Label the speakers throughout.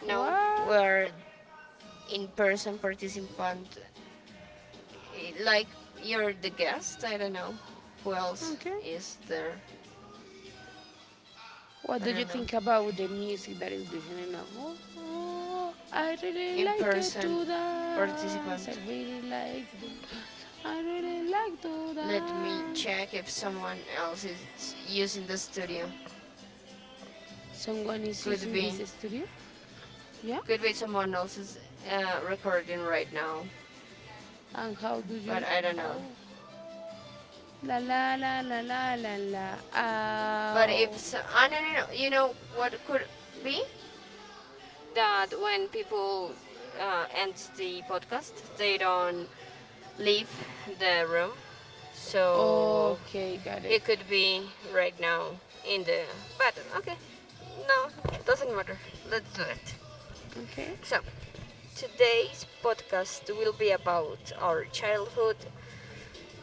Speaker 1: No, we
Speaker 2: What?
Speaker 1: are in person participant. Like you're the guest. I don't know. Who else
Speaker 2: Okay.
Speaker 1: is there?
Speaker 2: What
Speaker 1: I
Speaker 2: do you
Speaker 1: don't know.
Speaker 2: think about the music that is listening now? Oh, I really
Speaker 1: In
Speaker 2: like it
Speaker 1: person
Speaker 2: to dance.
Speaker 1: participant.
Speaker 2: I really like to
Speaker 1: Let me
Speaker 2: dance.
Speaker 1: check if someone else is using the studio.
Speaker 2: Someone is
Speaker 1: Could
Speaker 2: using this
Speaker 1: be.
Speaker 2: studio? Yeah?
Speaker 1: Could be someone else is recording right now.
Speaker 2: And how do
Speaker 1: But
Speaker 2: you
Speaker 1: I don't know.
Speaker 2: how? La la la la la la la
Speaker 1: But
Speaker 2: ow.
Speaker 1: if so, no. You know what could be? That when people end the podcast, they don't leave the room. So
Speaker 2: Okay, got
Speaker 1: he
Speaker 2: it.
Speaker 1: could be right now in the. But okay, no, it doesn't matter. Let's do it.
Speaker 2: Okay.
Speaker 1: So today's podcast will be about our childhood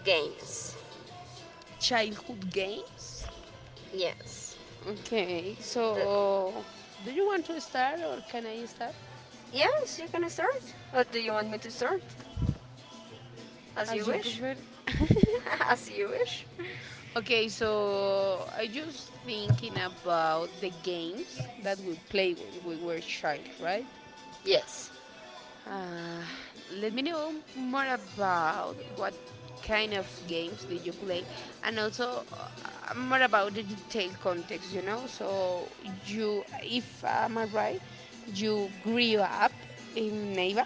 Speaker 1: games.
Speaker 2: Childhood games.
Speaker 1: Yes.
Speaker 2: Okay,
Speaker 1: The,
Speaker 2: so do you want to start or can I start?
Speaker 1: yes, you can start. Or do you want me to start? As you
Speaker 2: As you
Speaker 1: wish.
Speaker 2: prefer.
Speaker 1: As you wish.
Speaker 2: Okay, so I just thinking about the games that we play when we were child, right?
Speaker 1: Yes.
Speaker 2: Uh, Let me know more about what kind of games did you play, and also more about the detailed context. You if I'm right, you grew up in Neiva.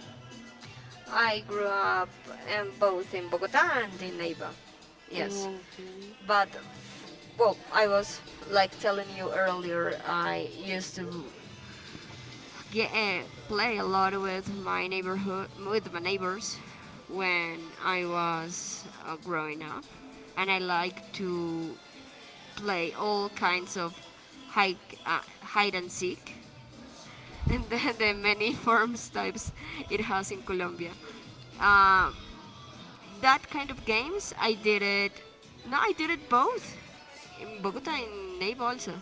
Speaker 1: I grew up both in Bogota and in Neiva. Yes.
Speaker 2: Okay,
Speaker 1: But, well, I was like telling you earlier, I used to get, play a lot with my neighborhood, with my neighbors when I was growing up. And I like to play all kinds of hide and seek and the many forms types it has in Colombia. Uh, that kind of games, I did it. No, I did it both in Bogota and Neiva also.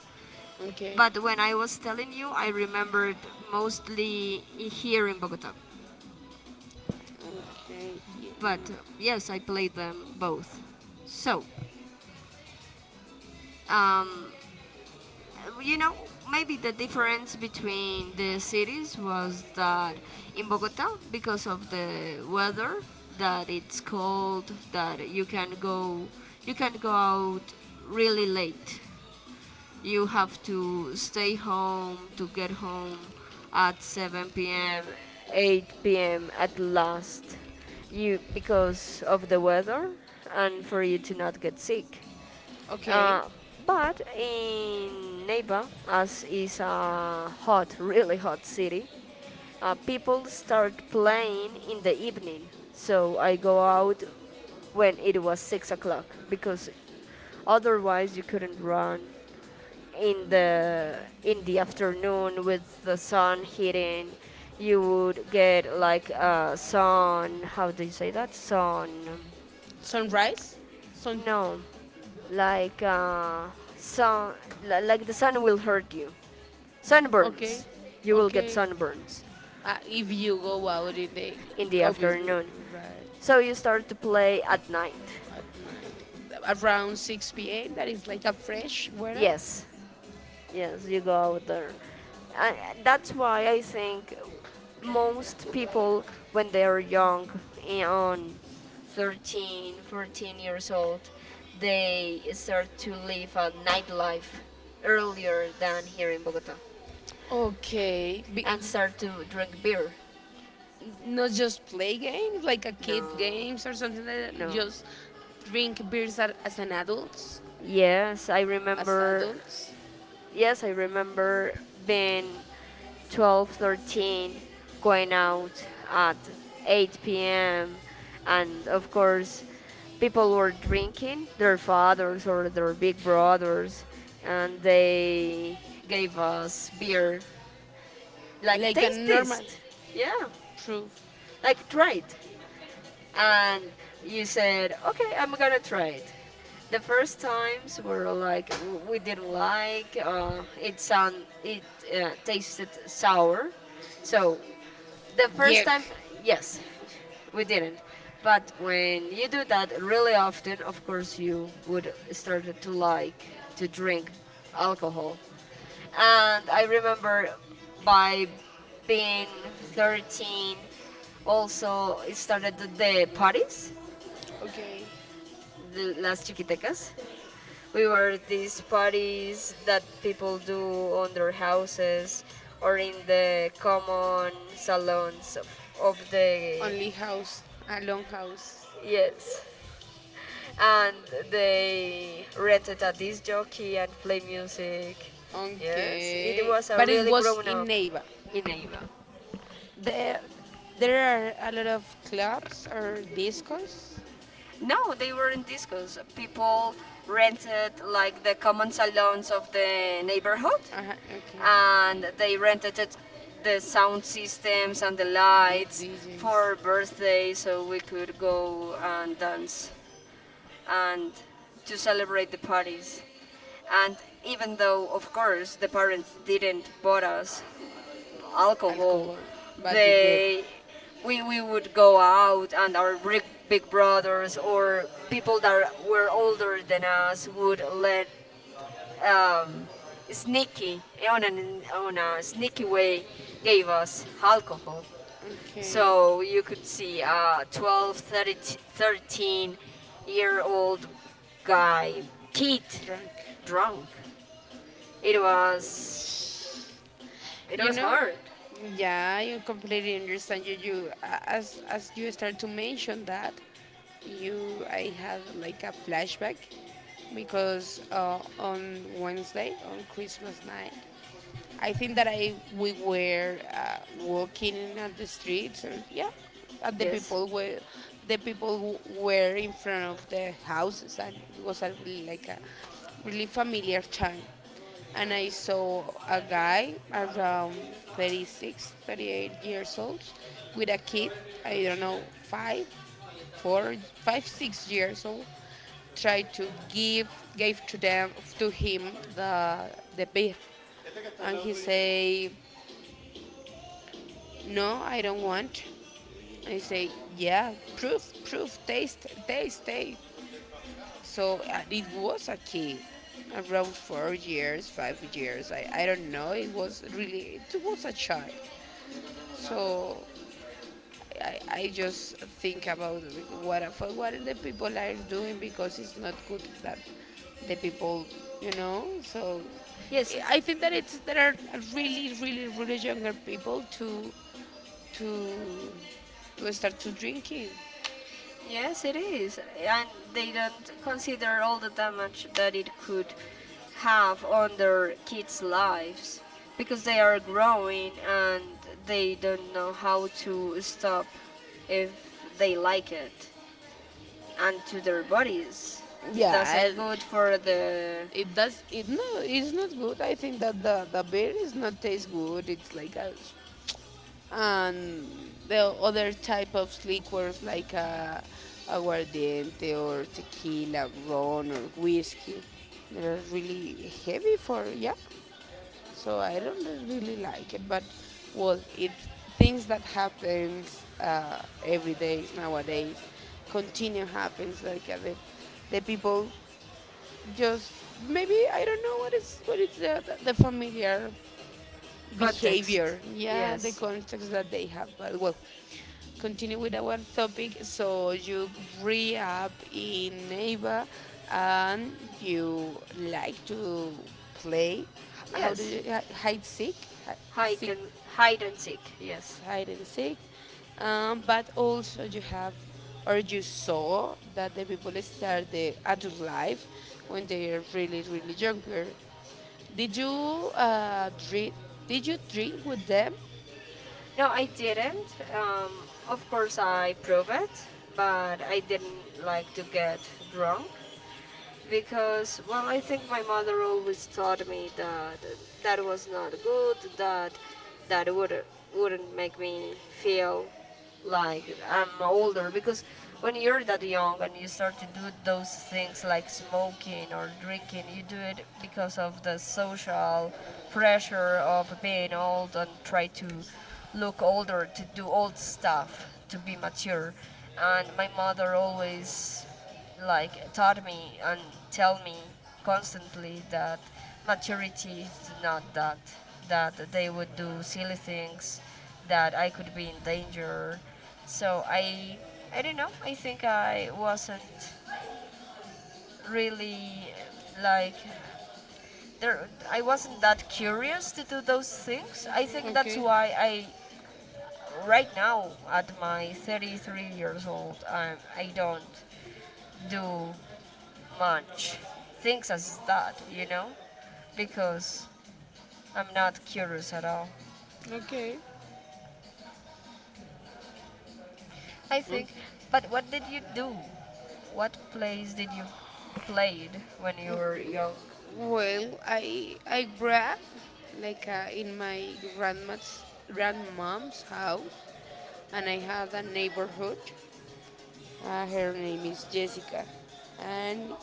Speaker 2: okay,
Speaker 1: But when I was telling you, I remembered mostly here in Bogota.
Speaker 2: okay,
Speaker 1: But yes, I played them both.
Speaker 2: yeah.
Speaker 1: So, um, Uh, you know, Maybe the difference between the cities was that in Bogota, because of the weather, that it's cold, that you can go out really late. You have to stay home to get home at 7 p.m., 8 p.m. at last, you because of the weather, and for you to not get sick.
Speaker 2: Okay.
Speaker 1: Uh, but in Neiva, as is a hot, really hot city, people start playing in the evening. So I go out when it was 6 o'clock because otherwise you couldn't run in the in the afternoon with the sun hitting. You would get like sun. How do you say that? Sun.
Speaker 2: Sunrise? Sun.
Speaker 1: No, like sun, like the sun will hurt you.
Speaker 2: Okay,
Speaker 1: Sunburns. You will get
Speaker 2: okay.
Speaker 1: sunburns
Speaker 2: If you go out in the
Speaker 1: in the
Speaker 2: obviously,
Speaker 1: afternoon.
Speaker 2: right,
Speaker 1: So you start to play at night.
Speaker 2: at night around 6 p.m. That is like a fresh weather.
Speaker 1: Yes, yes, you go out there. And that's why I think most people, when they are young, on 13, 14 years old, they start to live a nightlife earlier than here in Bogota.
Speaker 2: Okay.
Speaker 1: And start to drink beer.
Speaker 2: Not just play games like a
Speaker 1: No,
Speaker 2: kid games or something like that.
Speaker 1: no.
Speaker 2: Just drink beers as, as an adults,
Speaker 1: Yes, I
Speaker 2: as
Speaker 1: remember.
Speaker 2: adults,
Speaker 1: Yes, I remember being 12, 13, going out at 8 p.m. And of course, people were drinking, their fathers or their big brothers, and they gave us beer. Like,
Speaker 2: like a
Speaker 1: taste this.
Speaker 2: normal
Speaker 1: Yeah,
Speaker 2: proof.
Speaker 1: like, try it. And you said, "Okay, I'm gonna try it." The first times were like we didn't like. It tasted sour, so the first
Speaker 2: Yuck.
Speaker 1: time, yes, we didn't. But when you do that really often, of course, you would start to like to drink alcohol. And I remember by being 13, also it started the parties,
Speaker 2: Okay,
Speaker 1: the Las Chiquitecas. We were these parties that people do on their houses or in the common salons of the.
Speaker 2: only house, a long house.
Speaker 1: Yes. And they rented a disc jockey and play music. Yes, it
Speaker 2: Okay,
Speaker 1: was a
Speaker 2: but it
Speaker 1: really
Speaker 2: was
Speaker 1: grown
Speaker 2: in
Speaker 1: up
Speaker 2: Neiva.
Speaker 1: in Ava.
Speaker 2: There, there are a lot of clubs or discos.
Speaker 1: No, they were in discos. People rented like the common salons of the neighborhood,
Speaker 2: Uh-huh, okay.
Speaker 1: and they rented it, the sound systems and the
Speaker 2: The
Speaker 1: lights
Speaker 2: DJs.
Speaker 1: for birthdays, so we could go and dance and to celebrate the parties. And even though, of course, the parents didn't bought us alcohol.
Speaker 2: Alcohol, but then.
Speaker 1: They, we, would go out, and our big, big brothers or people that were older than us would let um, sneaky on a sneaky way gave us alcohol.
Speaker 2: Okay. So
Speaker 1: So you could see a 12,
Speaker 2: uh,
Speaker 1: 13, year old guy, kid,
Speaker 2: drunk.
Speaker 1: drunk. It was it
Speaker 2: you
Speaker 1: was
Speaker 2: know,
Speaker 1: hard.
Speaker 2: You know, yeah, I completely understand you. As you start to mention that, you I had like a flashback because on Wednesday, on Christmas night, I think that I we were walking on the streets, or yeah, and the
Speaker 1: Yes.
Speaker 2: people were the people w- were in front of the houses, and it was a really familiar time. And I saw a guy around 36, 38 years old with a kid, I don't know, five, four, five, 6 years old, try to give gave to them to him the beer, and he say, no, I don't want. I say, yeah, proof, proof, taste, taste, taste. So it was a kid, around 4 years, 5 years. I don't know. It was really, it was a child. So I just think about, like, what the people are doing because it's not good that the people you know so
Speaker 1: Yes,
Speaker 2: I think that it's there are really, really, really younger people to to start to drinking.
Speaker 1: yes, it is. And they don't consider all the damage that it could have on their kids' lives because they are growing and they don't know how to stop if they like it and to their bodies. It
Speaker 2: Yeah.
Speaker 1: doesn't
Speaker 2: I-
Speaker 1: good for
Speaker 2: it,
Speaker 1: the
Speaker 2: it does it, no, it's not good. I think that the beer is not taste good it's like a s- and the other type of liquors like aguardiente or tequila, rum or whiskey. They're really heavy for, yeah. So I don't really like it, but well, it's things that happens every day nowadays, continue happens like the people just maybe, I don't know what is the familiar
Speaker 1: context.
Speaker 2: behavior, yeah, the
Speaker 1: Yes.
Speaker 2: context that they have, but well, continue with our topic. So you grew up in neighbor, and you like to play H- how do
Speaker 1: Yes.
Speaker 2: you hi- hide seek hi-
Speaker 1: Hide
Speaker 2: seek
Speaker 1: and hide and seek. Yes.
Speaker 2: hide and seek. But also you have or you saw that the people start the adult life when they are really, really younger. Did you drink? Did you drink with them?
Speaker 1: No, I didn't. Of course, I prove it, but I didn't like to get drunk because, well, I think my mother always taught me that that was not good. That that would wouldn't make me feel like I'm older because when you're that young and you start to do those things like smoking or drinking, you do it because of the social pressure of being old and try to look older, to do old stuff, to be mature. And my mother always like taught me and tell me constantly that maturity is not that that they would do silly things that I could be in danger. So I don't know. I think I wasn't really like there I wasn't that curious to do those things. I think that's
Speaker 2: Okay,
Speaker 1: why I right now at my 33 years old I do not do much things as that, you know, because I'm not curious at all.
Speaker 2: okay.
Speaker 1: I
Speaker 2: Mm.
Speaker 1: think. But what did you do? What plays did you played when you were young?
Speaker 2: Well, I grew up like, in my grandma's grandmom's house, and I had a neighborhood. Her name is Jessica, and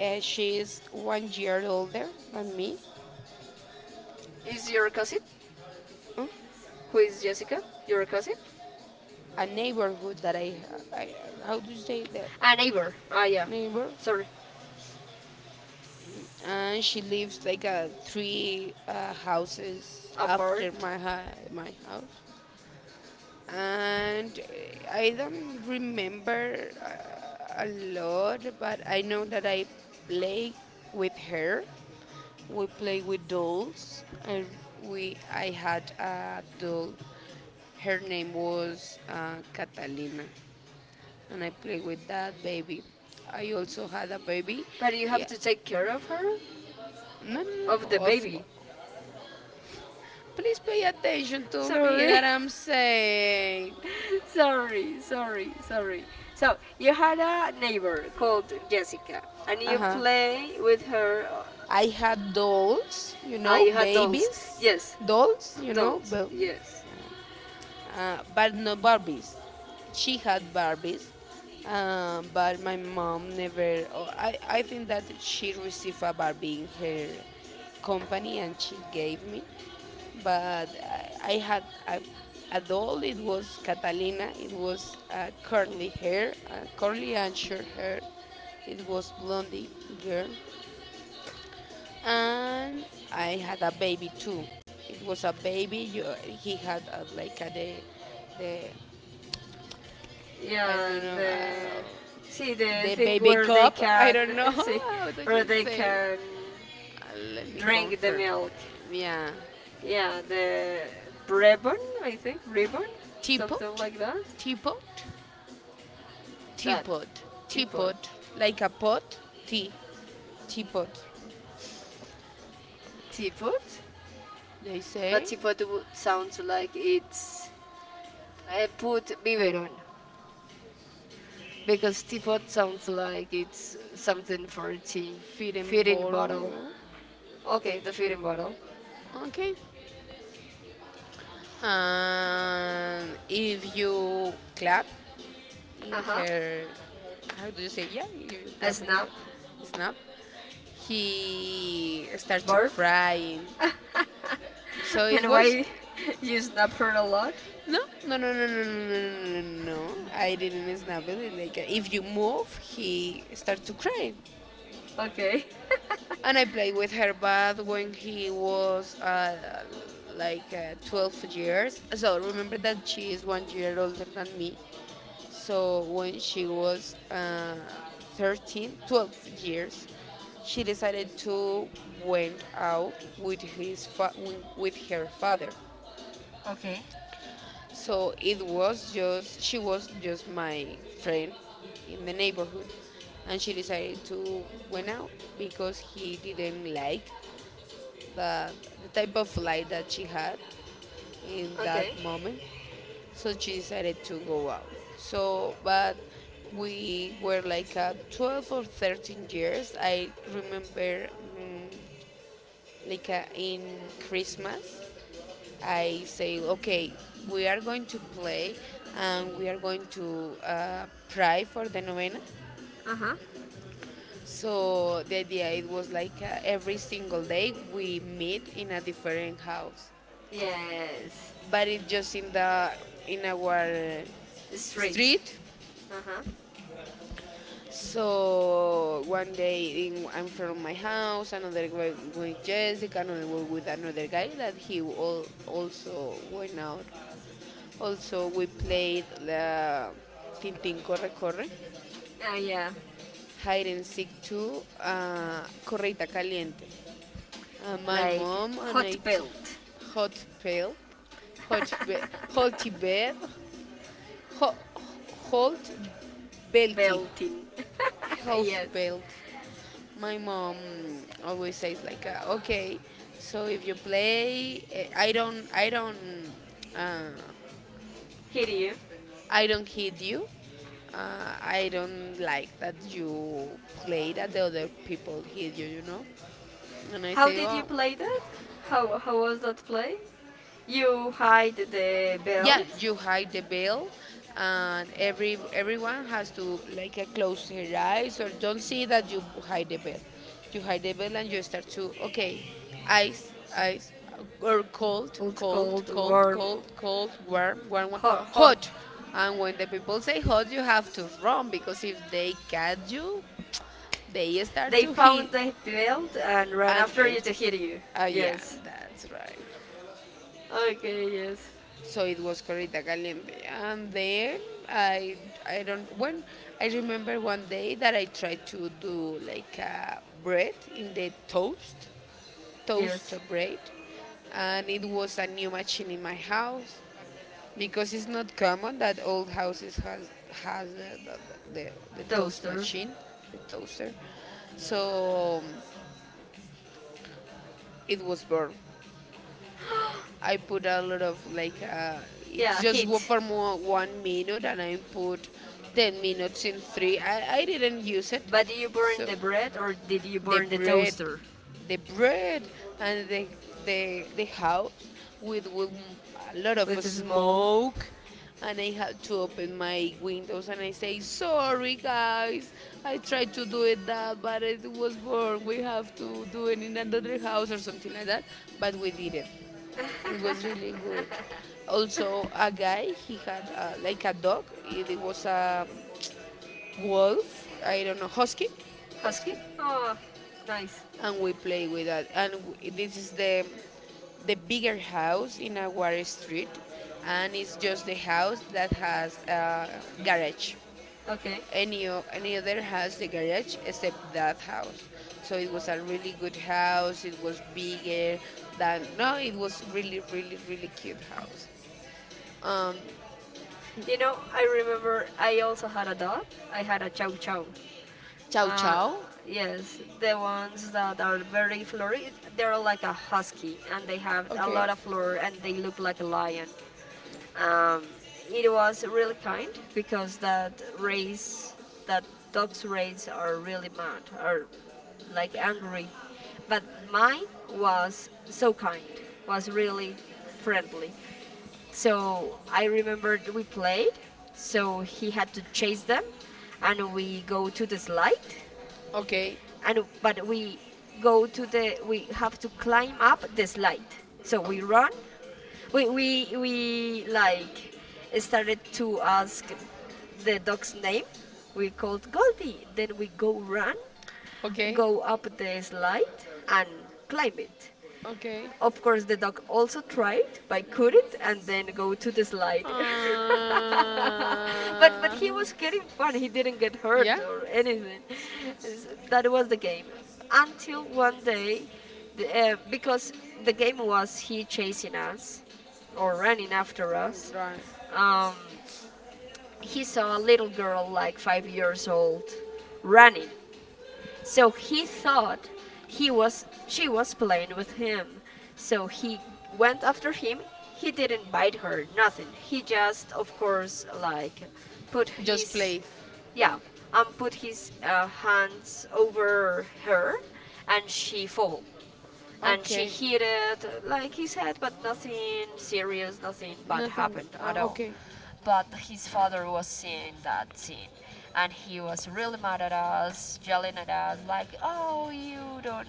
Speaker 2: she is one year older than me.
Speaker 1: Is your cousin?
Speaker 2: Mm.
Speaker 1: Who is Jessica? Your cousin?
Speaker 2: A neighborhood that I, how do you say that,
Speaker 1: A neighbor. Ah, yeah.
Speaker 2: neighbor?
Speaker 1: Sorry.
Speaker 2: And she lives like three houses after
Speaker 1: Apart.
Speaker 2: my house. And I don't remember a lot, but I know that I play with her. We play with dolls. I had a doll. Her name was Catalina, and I played with that baby. I also had a baby.
Speaker 1: But you have
Speaker 2: Yeah,
Speaker 1: to take care of her?
Speaker 2: no, no,
Speaker 1: Of
Speaker 2: no.
Speaker 1: the
Speaker 2: Of,
Speaker 1: baby.
Speaker 2: Please pay attention to me
Speaker 1: Sorry.
Speaker 2: that I'm saying.
Speaker 1: sorry, sorry, sorry. So you had a neighbor called Jessica, and
Speaker 2: Uh
Speaker 1: you
Speaker 2: huh.
Speaker 1: play with her. Uh,
Speaker 2: I had dolls,
Speaker 1: ah, you had dolls.
Speaker 2: babies,
Speaker 1: Yes,
Speaker 2: dolls,
Speaker 1: dolls. Yes.
Speaker 2: but no Barbies. She had Barbies, but my mom never. Or I think that she received a Barbie in her company and she gave me, but I had a doll. It was Catalina. It was curly hair, curly and short hair. It was blondie girl, and I had a baby too. It was a baby. He had a, like a the I don't
Speaker 1: Yeah.
Speaker 2: know
Speaker 1: The see the
Speaker 2: the
Speaker 1: thing
Speaker 2: baby
Speaker 1: where they
Speaker 2: cup. I
Speaker 1: can
Speaker 2: don't know,
Speaker 1: see
Speaker 2: how do
Speaker 1: where
Speaker 2: you
Speaker 1: they
Speaker 2: say.
Speaker 1: can
Speaker 2: Let me
Speaker 1: drink the
Speaker 2: confirm.
Speaker 1: milk.
Speaker 2: Yeah,
Speaker 1: Yeah, the ribbon. I think ribbon, something
Speaker 2: teapot,
Speaker 1: like that.
Speaker 2: teapot,
Speaker 1: That
Speaker 2: teapot,
Speaker 1: teapot.
Speaker 2: teapot, like a pot, tea, teapot.
Speaker 1: Teapot.
Speaker 2: They
Speaker 1: But
Speaker 2: say
Speaker 1: sounds like it's I put biberon because teapot sounds like it's something for tea.
Speaker 2: feed and
Speaker 1: Feeding bottle.
Speaker 2: borrow.
Speaker 1: Okay, the feeding bottle.
Speaker 2: Okay. And if you clap
Speaker 1: Uh
Speaker 2: in
Speaker 1: huh.
Speaker 2: her, how do you say, yeah, you
Speaker 1: A
Speaker 2: clap in
Speaker 1: snap.
Speaker 2: her, snap, he started to
Speaker 1: Burp.
Speaker 2: crying, so it
Speaker 1: And
Speaker 2: was
Speaker 1: why you snap her a lot?
Speaker 2: no, no, no, no, no, no, no, no, no, no, no. I didn't snap it, like if you move, he started to cry.
Speaker 1: Okay.
Speaker 2: And I played with her band when he was like, 12 years. So remember that she is one year older than me. So when she was 13, 12 years, she decided to went out with his fa- with her father.
Speaker 1: Okay.
Speaker 2: So it was just she was just my friend in the neighborhood, and she decided to went out because he didn't like the, the type of life that she had in that
Speaker 1: Okay.
Speaker 2: moment. So she decided to go out. So, but we were like 12 or 13 years. I remember, mm like, in Christmas, I say, okay, we are going to play, and we are going to pray for the novena.
Speaker 1: Uh huh.
Speaker 2: So the idea it was like every single day we meet in a different house,
Speaker 1: Yes.
Speaker 2: but it's just in our
Speaker 1: Street.
Speaker 2: street.
Speaker 1: Uh huh.
Speaker 2: So one day I'm from my house, another way with Jessica, another way with another guy that he also went out. Also we played the Tintin Corre Corre,
Speaker 1: Ah yeah.
Speaker 2: Hide and Seek 2, Correita Caliente. My
Speaker 1: Like
Speaker 2: mom and
Speaker 1: hot belt.
Speaker 2: hot pail, hot, be- hot bed, Ho- Holt Belty.
Speaker 1: Belting.
Speaker 2: Holt
Speaker 1: yes.
Speaker 2: Belty. My mom always says, like, okay, so if you play, uh,
Speaker 1: Hit you.
Speaker 2: I don't hit you. I don't like that you play that the other people hit you, you know. And I
Speaker 1: How
Speaker 2: say,
Speaker 1: did you
Speaker 2: oh,
Speaker 1: play that? How was that play? You hide the
Speaker 2: yeah,
Speaker 1: belt.
Speaker 2: you hide the veil, and everyone has to, like, close her eyes or don't see that you hide the veil. You hide the veil, and you start to, okay, eyes, eyes, or cold,
Speaker 1: Cold,
Speaker 2: cold,
Speaker 1: cold,
Speaker 2: cold,
Speaker 1: warm,
Speaker 2: cold, cold, warm, warm, warm,
Speaker 1: hot. Hot.
Speaker 2: hot. And when the people say hot, you have to run, because if they catch you, they start
Speaker 1: They
Speaker 2: to hit.
Speaker 1: found the belt and ran
Speaker 2: And
Speaker 1: after you
Speaker 2: if,
Speaker 1: to hit you.
Speaker 2: yeah,
Speaker 1: Yes.
Speaker 2: that's right.
Speaker 1: Okay. Yes.
Speaker 2: So it was Corrida Caliente. And then I I don't when I remember one day that I tried to do like a bread in the toast, toast
Speaker 1: Yes.
Speaker 2: bread, and it was a new machine in my house, because it's not common that old houses has the, the toast
Speaker 1: Toaster.
Speaker 2: machine, the toaster. So it was born. I put a lot of, like, it's
Speaker 1: Yeah.
Speaker 2: just go
Speaker 1: Hit.
Speaker 2: for more 1 minute, and I put 10 minutes in three. I didn't use it,
Speaker 1: But did you burn
Speaker 2: so
Speaker 1: the bread or did you
Speaker 2: the
Speaker 1: burn the
Speaker 2: bread,
Speaker 1: toaster
Speaker 2: the bread and the house with a lot of
Speaker 1: with a small
Speaker 2: smoke. And I had to open my windows, and I say, sorry guys, I tried to do it that, but it was born. We have to do it in another house or something like that. But we did it. It was really good. Also, a guy, he had, like a dog. It was a wolf. I don't know, husky.
Speaker 1: Husky.
Speaker 2: Husky.
Speaker 1: Ah, nice.
Speaker 2: And we play with that. And this is the bigger house in our street, and it's just the house that has a garage.
Speaker 1: Okay.
Speaker 2: Any other has the garage except that house. So it was a really good house. It was bigger than, no, it was really, really, really cute house. Um,
Speaker 1: You know, I remember I also had a dog. I had a chow chow.
Speaker 2: Chow
Speaker 1: Uh,
Speaker 2: Chow.
Speaker 1: yes, the ones that are very florid, they're like a husky and they have a
Speaker 2: Okay,
Speaker 1: lot of fur and they look like a lion. Um, it was really kind because that race, that dog's race are really mad, are like angry. But mine was so kind, was really friendly. So I remembered we played. So he had to chase them, and we go to the slide
Speaker 2: okay.
Speaker 1: and but we go to the we have to climb up the slide so
Speaker 2: O-
Speaker 1: we run we like started to ask the dog's name. We called goldie. Then we go run,
Speaker 2: Okay.
Speaker 1: go up the slide and climb it.
Speaker 2: Okay.
Speaker 1: Of course, the dog also tried, but couldn't, and then go to the
Speaker 2: Uh,
Speaker 1: slide. But he was getting fun. He didn't get hurt
Speaker 2: yeah.
Speaker 1: or anything. That was the game. Until one day, the, uh, because the game was he chasing us or running after
Speaker 2: Mm,
Speaker 1: us.
Speaker 2: right.
Speaker 1: Um, he saw a little girl like 5 years old running so he thought he was she was playing with him. So he went after him. He didn't bite her, nothing. He just, of course, like put
Speaker 2: Just
Speaker 1: his
Speaker 2: place.
Speaker 1: yeah, and put his hands over her, and she fall and she
Speaker 2: Okay.
Speaker 1: hit it like his head, but nothing serious, nothing bad
Speaker 2: Nothing.
Speaker 1: happened at all.
Speaker 2: Okay.
Speaker 1: But his father was seeing that scene and he was really mad at us, yelling at us like oh you don't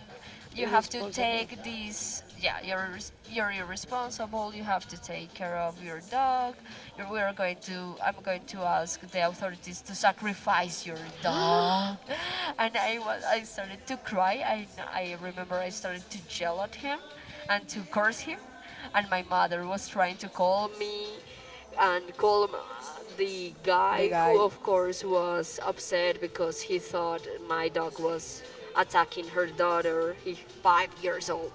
Speaker 1: you have to
Speaker 2: Irresponsible.
Speaker 1: take this, yeah, you're irresponsible, you have to take care of your dog. We're going to I'm going to ask the authorities to sacrifice your dog. And I was I started to cry. I remember I started to yell at him and to curse him. And my mother was trying to call me and call the
Speaker 2: The
Speaker 1: guy who
Speaker 2: guy.
Speaker 1: of course was upset because he thought my dog was attacking her daughter, his 5 years old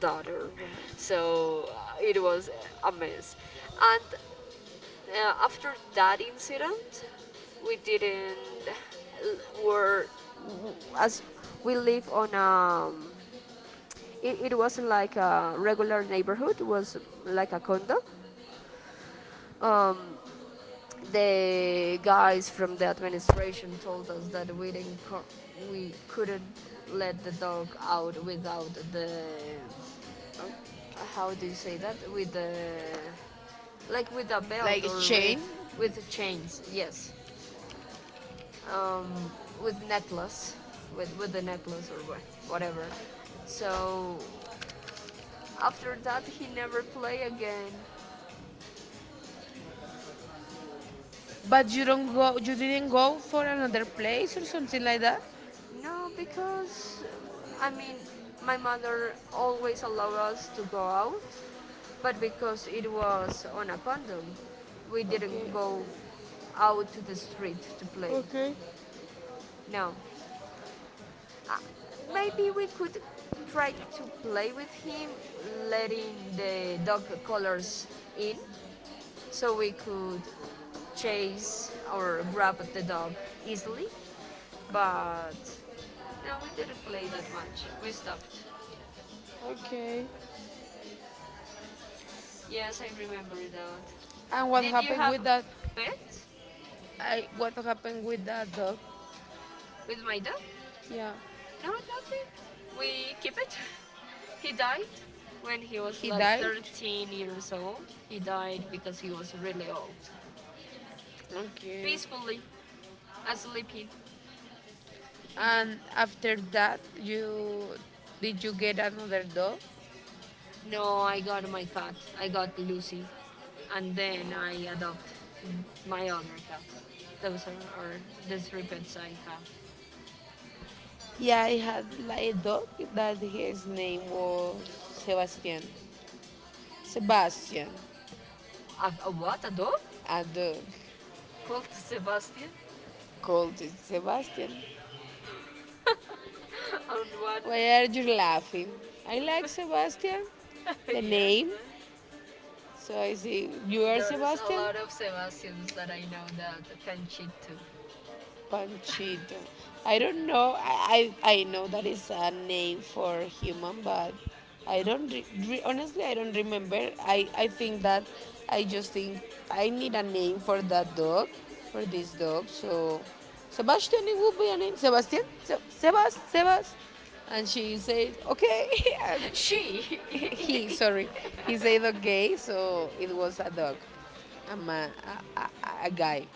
Speaker 1: daughter.
Speaker 2: Yeah.
Speaker 1: So it was a mess. And after that incident, we didn't l- were w- as we live on it, it wasn't like a regular neighborhood, it was like a condo. um the guys from the administration told us that we didn't co- we couldn't let the dog out without the
Speaker 2: Oh,
Speaker 1: how do you say that, with the like with a belt
Speaker 2: like a
Speaker 1: or
Speaker 2: chain,
Speaker 1: with chains yes um, with necklace, with the necklace or whatever. So after that, he never play again.
Speaker 2: but you didn't go for another place or something like that?
Speaker 1: No, because I mean, my mother always allowed us to go out, but because it was on a condom, we didn't
Speaker 2: Okay,
Speaker 1: go out to the street to play.
Speaker 2: okay,
Speaker 1: No, maybe we could try to play with him, letting the dog collars in so we could chase or grab at the dog easily. But no, we didn't play that much. We stopped.
Speaker 2: okay.
Speaker 1: Yes, I remember that.
Speaker 2: and what
Speaker 1: Did you
Speaker 2: happened
Speaker 1: have
Speaker 2: with that
Speaker 1: pets
Speaker 2: i what happened with that dog?
Speaker 1: with my dog?
Speaker 2: Yeah,
Speaker 1: No, nothing. We keep it. he died when he was
Speaker 2: he
Speaker 1: like
Speaker 2: died.
Speaker 1: 13 years old. He died because he was really old.
Speaker 2: Okay.
Speaker 1: Peacefully, asleep. He did.
Speaker 2: And after that, you did you get another dog?
Speaker 1: No, I got my cat. I got Lucy, and then I adopt my other cat. Those are the three pets I have.
Speaker 2: Yeah, I had like a dog that his name was Sebastian. Sebastian,
Speaker 1: A what? A dog
Speaker 2: a dog
Speaker 1: called Sebastian?
Speaker 2: called Sebastian.
Speaker 1: and one.
Speaker 2: Why are you laughing? I like Sebastian, the
Speaker 1: yes,
Speaker 2: name.
Speaker 1: man.
Speaker 2: So I say, you
Speaker 1: Well,
Speaker 2: are
Speaker 1: there's a
Speaker 2: Sebastian?
Speaker 1: lot of Sebastians that I know that can cheat too.
Speaker 2: Panchito. I don't know. I know that is a name for human, but I don't honestly, I don't remember. I think that I just think I need a name for that dog, for this dog. So Sebastian, it would be a name. Sebastian, Sebas, Sebas, and she said okay. And
Speaker 1: she.
Speaker 2: he, sorry, he said okay. So it was a dog, a ma, a guy.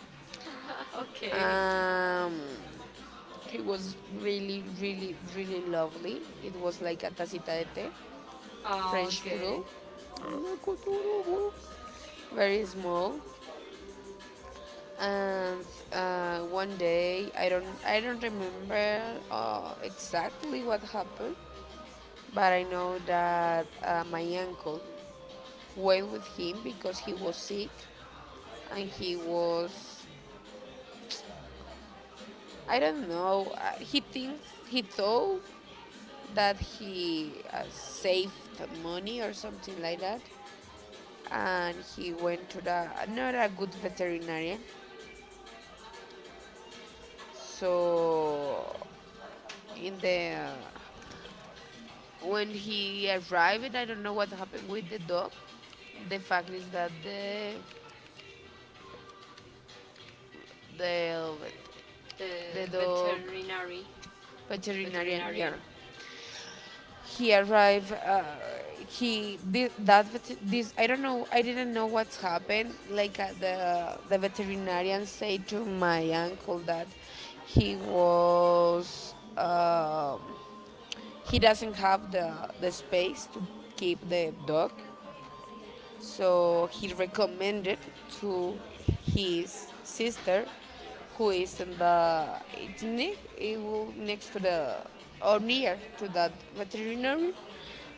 Speaker 1: okay.
Speaker 2: Um, it was really, really, really lovely. It was like a tacita de té, French
Speaker 1: Okay.
Speaker 2: brew. Very small. And one day, I don't remember exactly what happened, but I know that my uncle went with him because he was sick, and he was, I don't know, he thought that he saved money or something like that, and he went to the not a good veterinarian. So in the when he arrived, I don't know what happened with the dog. The fact is that the the
Speaker 1: The
Speaker 2: dog
Speaker 1: veterinary,
Speaker 2: veterinarian, yeah.
Speaker 1: veterinarian.
Speaker 2: He arrived, he did that, this, I don't know, I didn't know what's happened, like the veterinarian said to my uncle that he was, he doesn't have the space to keep the dog, so he recommended to his sister, who is in the it will next to the or near to that veterinary.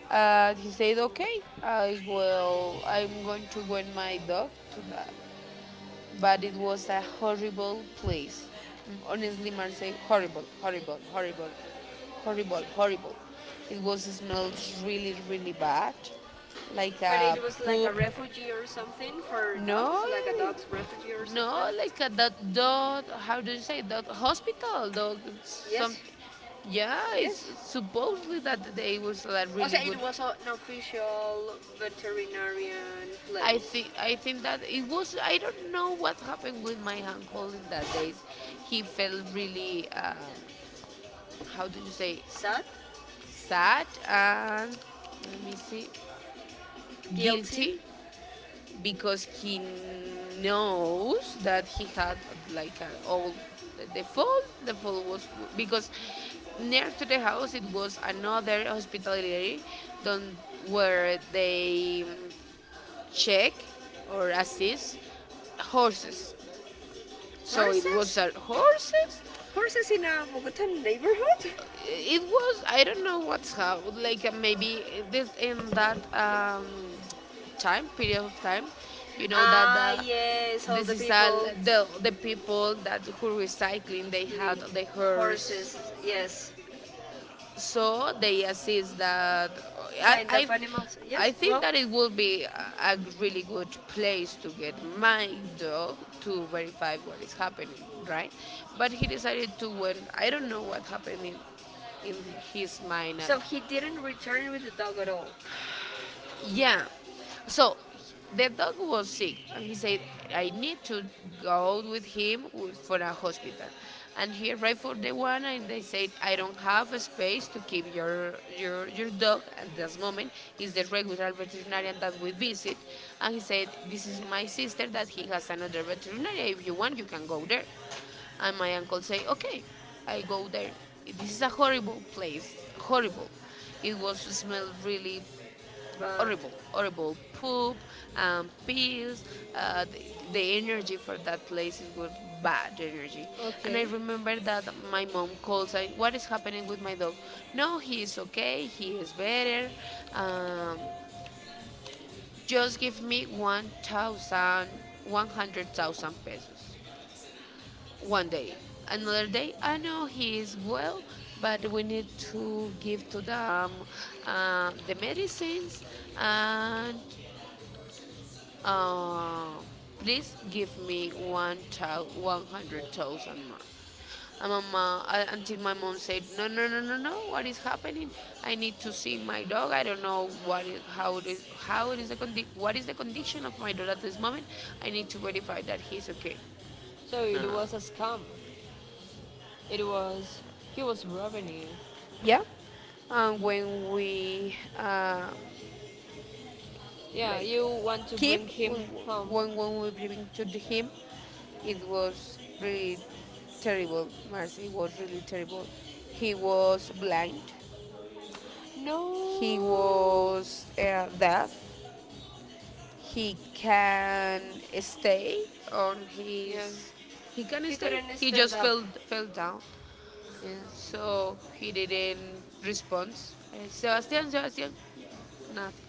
Speaker 2: And he said, "Okay, I will. I'm going to win my dog to that." But it was a horrible place. Mm, honestly, Marseille, horrible, horrible, horrible, horrible, horrible. It was smelled really, really bad, like
Speaker 1: But
Speaker 2: a
Speaker 1: it was like a
Speaker 2: poop.
Speaker 1: refugee or something for
Speaker 2: No,
Speaker 1: dogs, like a
Speaker 2: it-
Speaker 1: dog's refugee or
Speaker 2: no,
Speaker 1: something.
Speaker 2: like a dot dot. How do you say that? Hospital? Dot
Speaker 1: Yes,
Speaker 2: something. Yeah, it's
Speaker 1: yes.
Speaker 2: supposedly that they was like
Speaker 1: Also,
Speaker 2: really good.
Speaker 1: it was an official veterinarian place.
Speaker 2: I think that it was. I don't know what happened with my uncle in that days. He felt really. How do you say,
Speaker 1: Sad,
Speaker 2: sad and let me see,
Speaker 1: guilty.
Speaker 2: guilty, because he knows that he had like an old, the fall was because near to the house it was another hospitality don where they, check or assist horses. So it was
Speaker 1: Horses?
Speaker 2: horses.
Speaker 1: Horses in a Bogotan neighborhood?
Speaker 2: It was, I don't know what's how, like maybe this in that, time, period of time, you know that
Speaker 1: Ah,
Speaker 2: the,
Speaker 1: yes, all
Speaker 2: this
Speaker 1: the
Speaker 2: is all
Speaker 1: people.
Speaker 2: the people that who recycling, they
Speaker 1: Clean.
Speaker 2: had the hearse,
Speaker 1: Horses, yes.
Speaker 2: so they assist that. I,
Speaker 1: Kind
Speaker 2: I
Speaker 1: of animals.
Speaker 2: I
Speaker 1: Yes,
Speaker 2: think
Speaker 1: well,
Speaker 2: that it will be a really good place to get my dog to verify what is happening, right? But he decided to, when I don't know what happened in in his mind at.
Speaker 1: so he didn't return with the dog at all.
Speaker 2: Yeah. So the dog was sick, and he said, I need to go with him for a hospital. And he arrived for the one, and they said, I don't have a space to keep your dog at this moment. Is the regular veterinarian that we visit. And he said, This is my sister that he has another veterinarian. If you want, you can go there. And my uncle say, okay, I go there. This is a horrible place, horrible. It was smelled really
Speaker 1: But
Speaker 2: horrible, horrible poop, and pills. Uh, the, the energy for that place is good, bad energy. And I
Speaker 1: okay,
Speaker 2: remember that my mom calls saying, "What is happening with my dog?" No, he is okay. He is better. Um,
Speaker 1: um,
Speaker 2: just give me 1,000, 100,000 pesos one day. Another day, I know he is well, but we need to give to them the medicines, and Uh, please give me 100,000 more. And my until my mom said, no, no, no, no, no, what is happening? I need to see my dog. I don't know what is, how it is, how it is the what is the condition of my dog at this moment. I need to verify that he's okay.
Speaker 1: so
Speaker 2: No.
Speaker 1: it was a scam. It was he was robbing you.
Speaker 2: Yeah. And when we,
Speaker 1: Yeah,
Speaker 2: like
Speaker 1: you want to
Speaker 2: keep
Speaker 1: bring him
Speaker 2: when,
Speaker 1: home.
Speaker 2: when we bring to the him, it was really terrible. Marcy was really terrible. He was blind, he
Speaker 1: No.
Speaker 2: was deaf, he can stay on
Speaker 1: Yeah.
Speaker 2: his, he can
Speaker 1: He
Speaker 2: stay,
Speaker 1: couldn't He
Speaker 2: he
Speaker 1: stand just
Speaker 2: just
Speaker 1: up. Fell, fell
Speaker 2: fell down,
Speaker 1: down, yes.
Speaker 2: so
Speaker 1: So we
Speaker 2: he didn't
Speaker 1: didn't respond.
Speaker 2: respond.
Speaker 1: So
Speaker 2: Sebastian,
Speaker 1: still
Speaker 2: Sebastian,
Speaker 1: just
Speaker 2: nothing.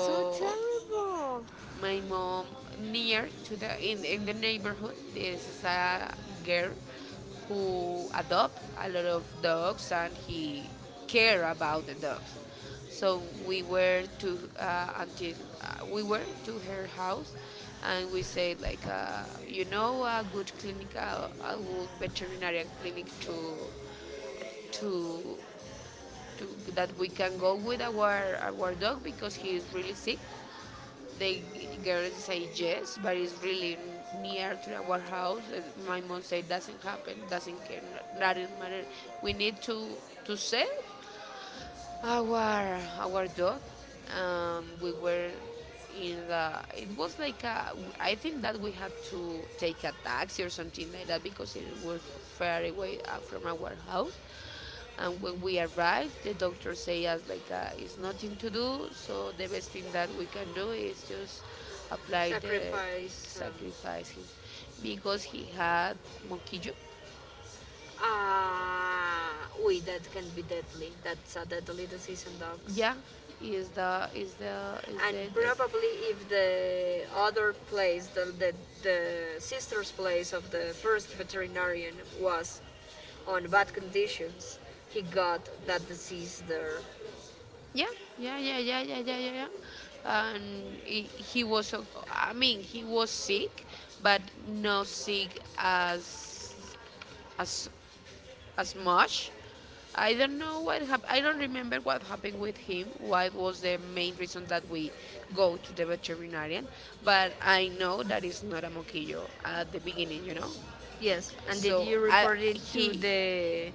Speaker 1: so so terrible.
Speaker 2: my mom, near to the, in the neighborhood, this is a girl who adopt a lot of dogs and he care about the dogs. So we were to, until we were to her house and we said like, you know a good clinic, a good veterinary clinic to to to that we can go with our dog because he is really sick. The girls say yes, but it's really near to our house. And my mom said, doesn't happen, doesn't care, doesn't matter. We need to save our dog. We were in the, it was like a, I think that we had to take a taxi or something like that because it was far away from our house. And when we arrived, the doctor say us like, it's nothing to do, so the best thing that we can do is just apply the,
Speaker 1: Sacrifice.
Speaker 2: sacrifice him, because he had monkey.
Speaker 1: Ah, oui, that can be deadly. That's a deadly disease in dogs.
Speaker 2: Yeah,
Speaker 1: And
Speaker 2: the.
Speaker 1: probably if the other place, the sister's place of the first veterinarian was on bad conditions, he got that disease there.
Speaker 2: Yeah, yeah, yeah, yeah, yeah, yeah, yeah, yeah. And he was, I mean, he was sick, but not sick as as as much. I don't know what happened. I don't remember what happened with him. What was the main reason that we go to the veterinarian? But I know that it's not a moquillo at the beginning, you know.
Speaker 1: Yes, and did
Speaker 2: So
Speaker 1: you
Speaker 2: I,
Speaker 1: report it to
Speaker 2: he,
Speaker 1: the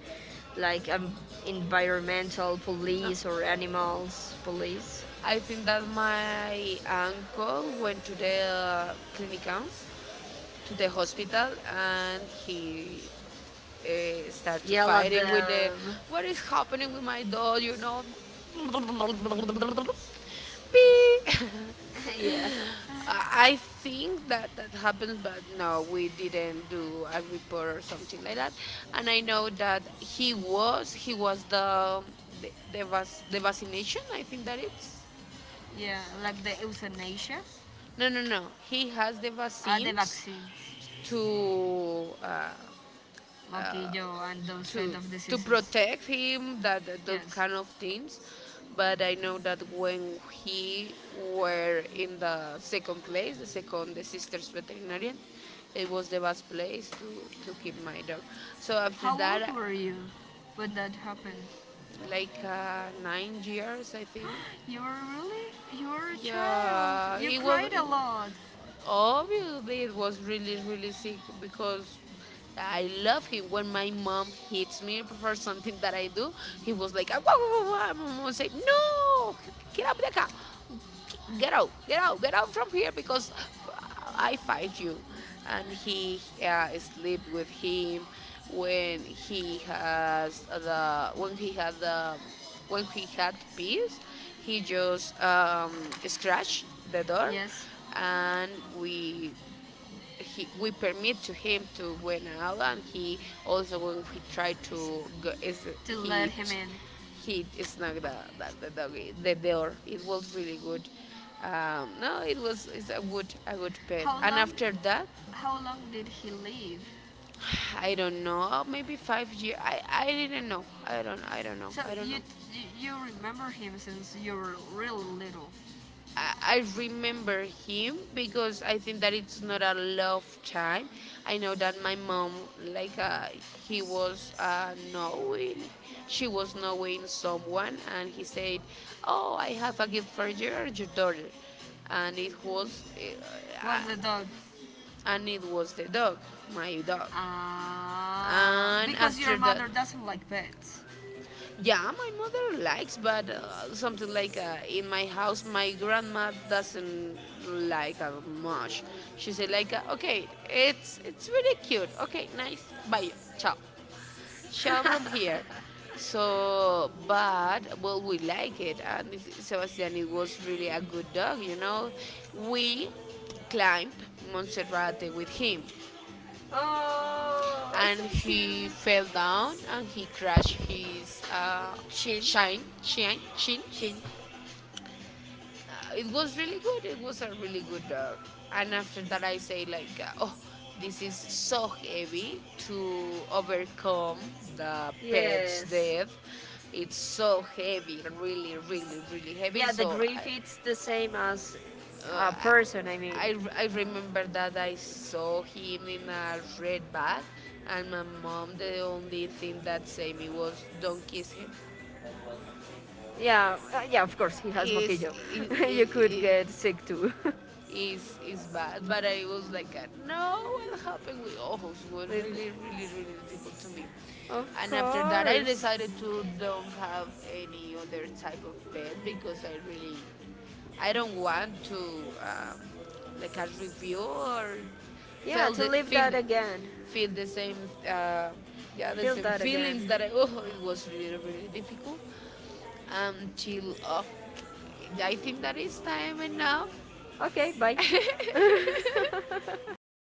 Speaker 1: like environmental
Speaker 2: no.
Speaker 1: police or animals police?
Speaker 2: I think that my uncle went to the clinical, to the hospital, and he started to
Speaker 1: Yell at
Speaker 2: fighting with the,
Speaker 1: them.
Speaker 2: what is happening with my dog, you know. Beep.
Speaker 1: yeah,
Speaker 2: I think that that happens, but no, we didn't do a report or something like that. And I know that he was the the vaccination. I think that it's.
Speaker 1: yeah, like the euthanasia,
Speaker 2: No, no, no. He has the
Speaker 1: the
Speaker 2: vaccines
Speaker 1: vaccines.
Speaker 2: to,
Speaker 1: Mosquito and those kind
Speaker 2: to
Speaker 1: of
Speaker 2: to
Speaker 1: diseases.
Speaker 2: protect him that, those kind of things. But I know that when he were in the second place, the sisters veterinarian, it was the best place to keep my dog. So after that,
Speaker 1: Were you when that happened?
Speaker 2: like 9 years, I think.
Speaker 1: You were really? You were a child.
Speaker 2: Yeah,
Speaker 1: You
Speaker 2: it was.
Speaker 1: cried a
Speaker 2: It,
Speaker 1: lot.
Speaker 2: obviously, it was really, really sick because I love him. When my mom hits me for something that I do, he was like, "Ah, wah, wah, wah, wah." My mom would say, No, get up, the car. Get out, get out, get out from here because I fight you. And he sleep with him when he has the when he had peace, he just scratched the door,
Speaker 1: Yes
Speaker 2: and we we permit to him to went out. And he also when he tried to go is
Speaker 1: to
Speaker 2: he
Speaker 1: let him in.
Speaker 2: he snagged the doggy, the door, it was really good. No, it's a good pet.
Speaker 1: How
Speaker 2: And
Speaker 1: long-
Speaker 2: after that,
Speaker 1: How long did he live?
Speaker 2: I don't know, maybe 5 years. I don't,
Speaker 1: So
Speaker 2: I don't know.
Speaker 1: you, you remember him since you were really little.
Speaker 2: I remember him because I think that it's not a love child. I know that my mom, like, he was knowing, she was knowing someone, and he said, "Oh, I have a gift for your daughter," and it was,
Speaker 1: Was
Speaker 2: uh,
Speaker 1: the dog?
Speaker 2: and it was the dog, my dog.
Speaker 1: Ah,
Speaker 2: And
Speaker 1: because your
Speaker 2: after that,
Speaker 1: mother doesn't like pets.
Speaker 2: yeah, my mother likes, but something like, in my house, my grandma doesn't like much. She said like, okay, it's really cute. Okay, nice. Bye. Ciao. Ciao from here. So, but well, we like it, and Sebastian, it was really a good dog. You know, we climbed Monserrate with him
Speaker 1: Oh,
Speaker 2: and he fell down and he crashed his
Speaker 1: chin, chin,
Speaker 2: chin, chin.
Speaker 1: chin.
Speaker 2: It was really good. It was a really good. And after that, I say like, oh, this is so heavy to overcome the pet's death. It's so heavy, really, really, really heavy.
Speaker 1: Yeah, the grief it's the same as
Speaker 2: Uh,
Speaker 1: a person. I mean,
Speaker 2: I remember that I saw him in a red bag, and my mom, the only thing that saved me was don't kiss him.
Speaker 1: yeah, yeah, of course, he has
Speaker 2: Is
Speaker 1: moquillo. you could
Speaker 2: it,
Speaker 1: get sick too.
Speaker 2: is bad. But I was like, no, what happened with ojos was
Speaker 1: With,
Speaker 2: really, really, really difficult to me.
Speaker 1: of
Speaker 2: And after that, I
Speaker 1: course.
Speaker 2: decided to don't have any other type of pet because I really, I don't want to, um, like a review or
Speaker 1: Yeah,
Speaker 2: feel
Speaker 1: to live that again.
Speaker 2: feel the same, yeah, the
Speaker 1: Feel
Speaker 2: same
Speaker 1: that again.
Speaker 2: feelings that I. Oh, it was really, really difficult until, I think that is time enough.
Speaker 1: Okay, bye.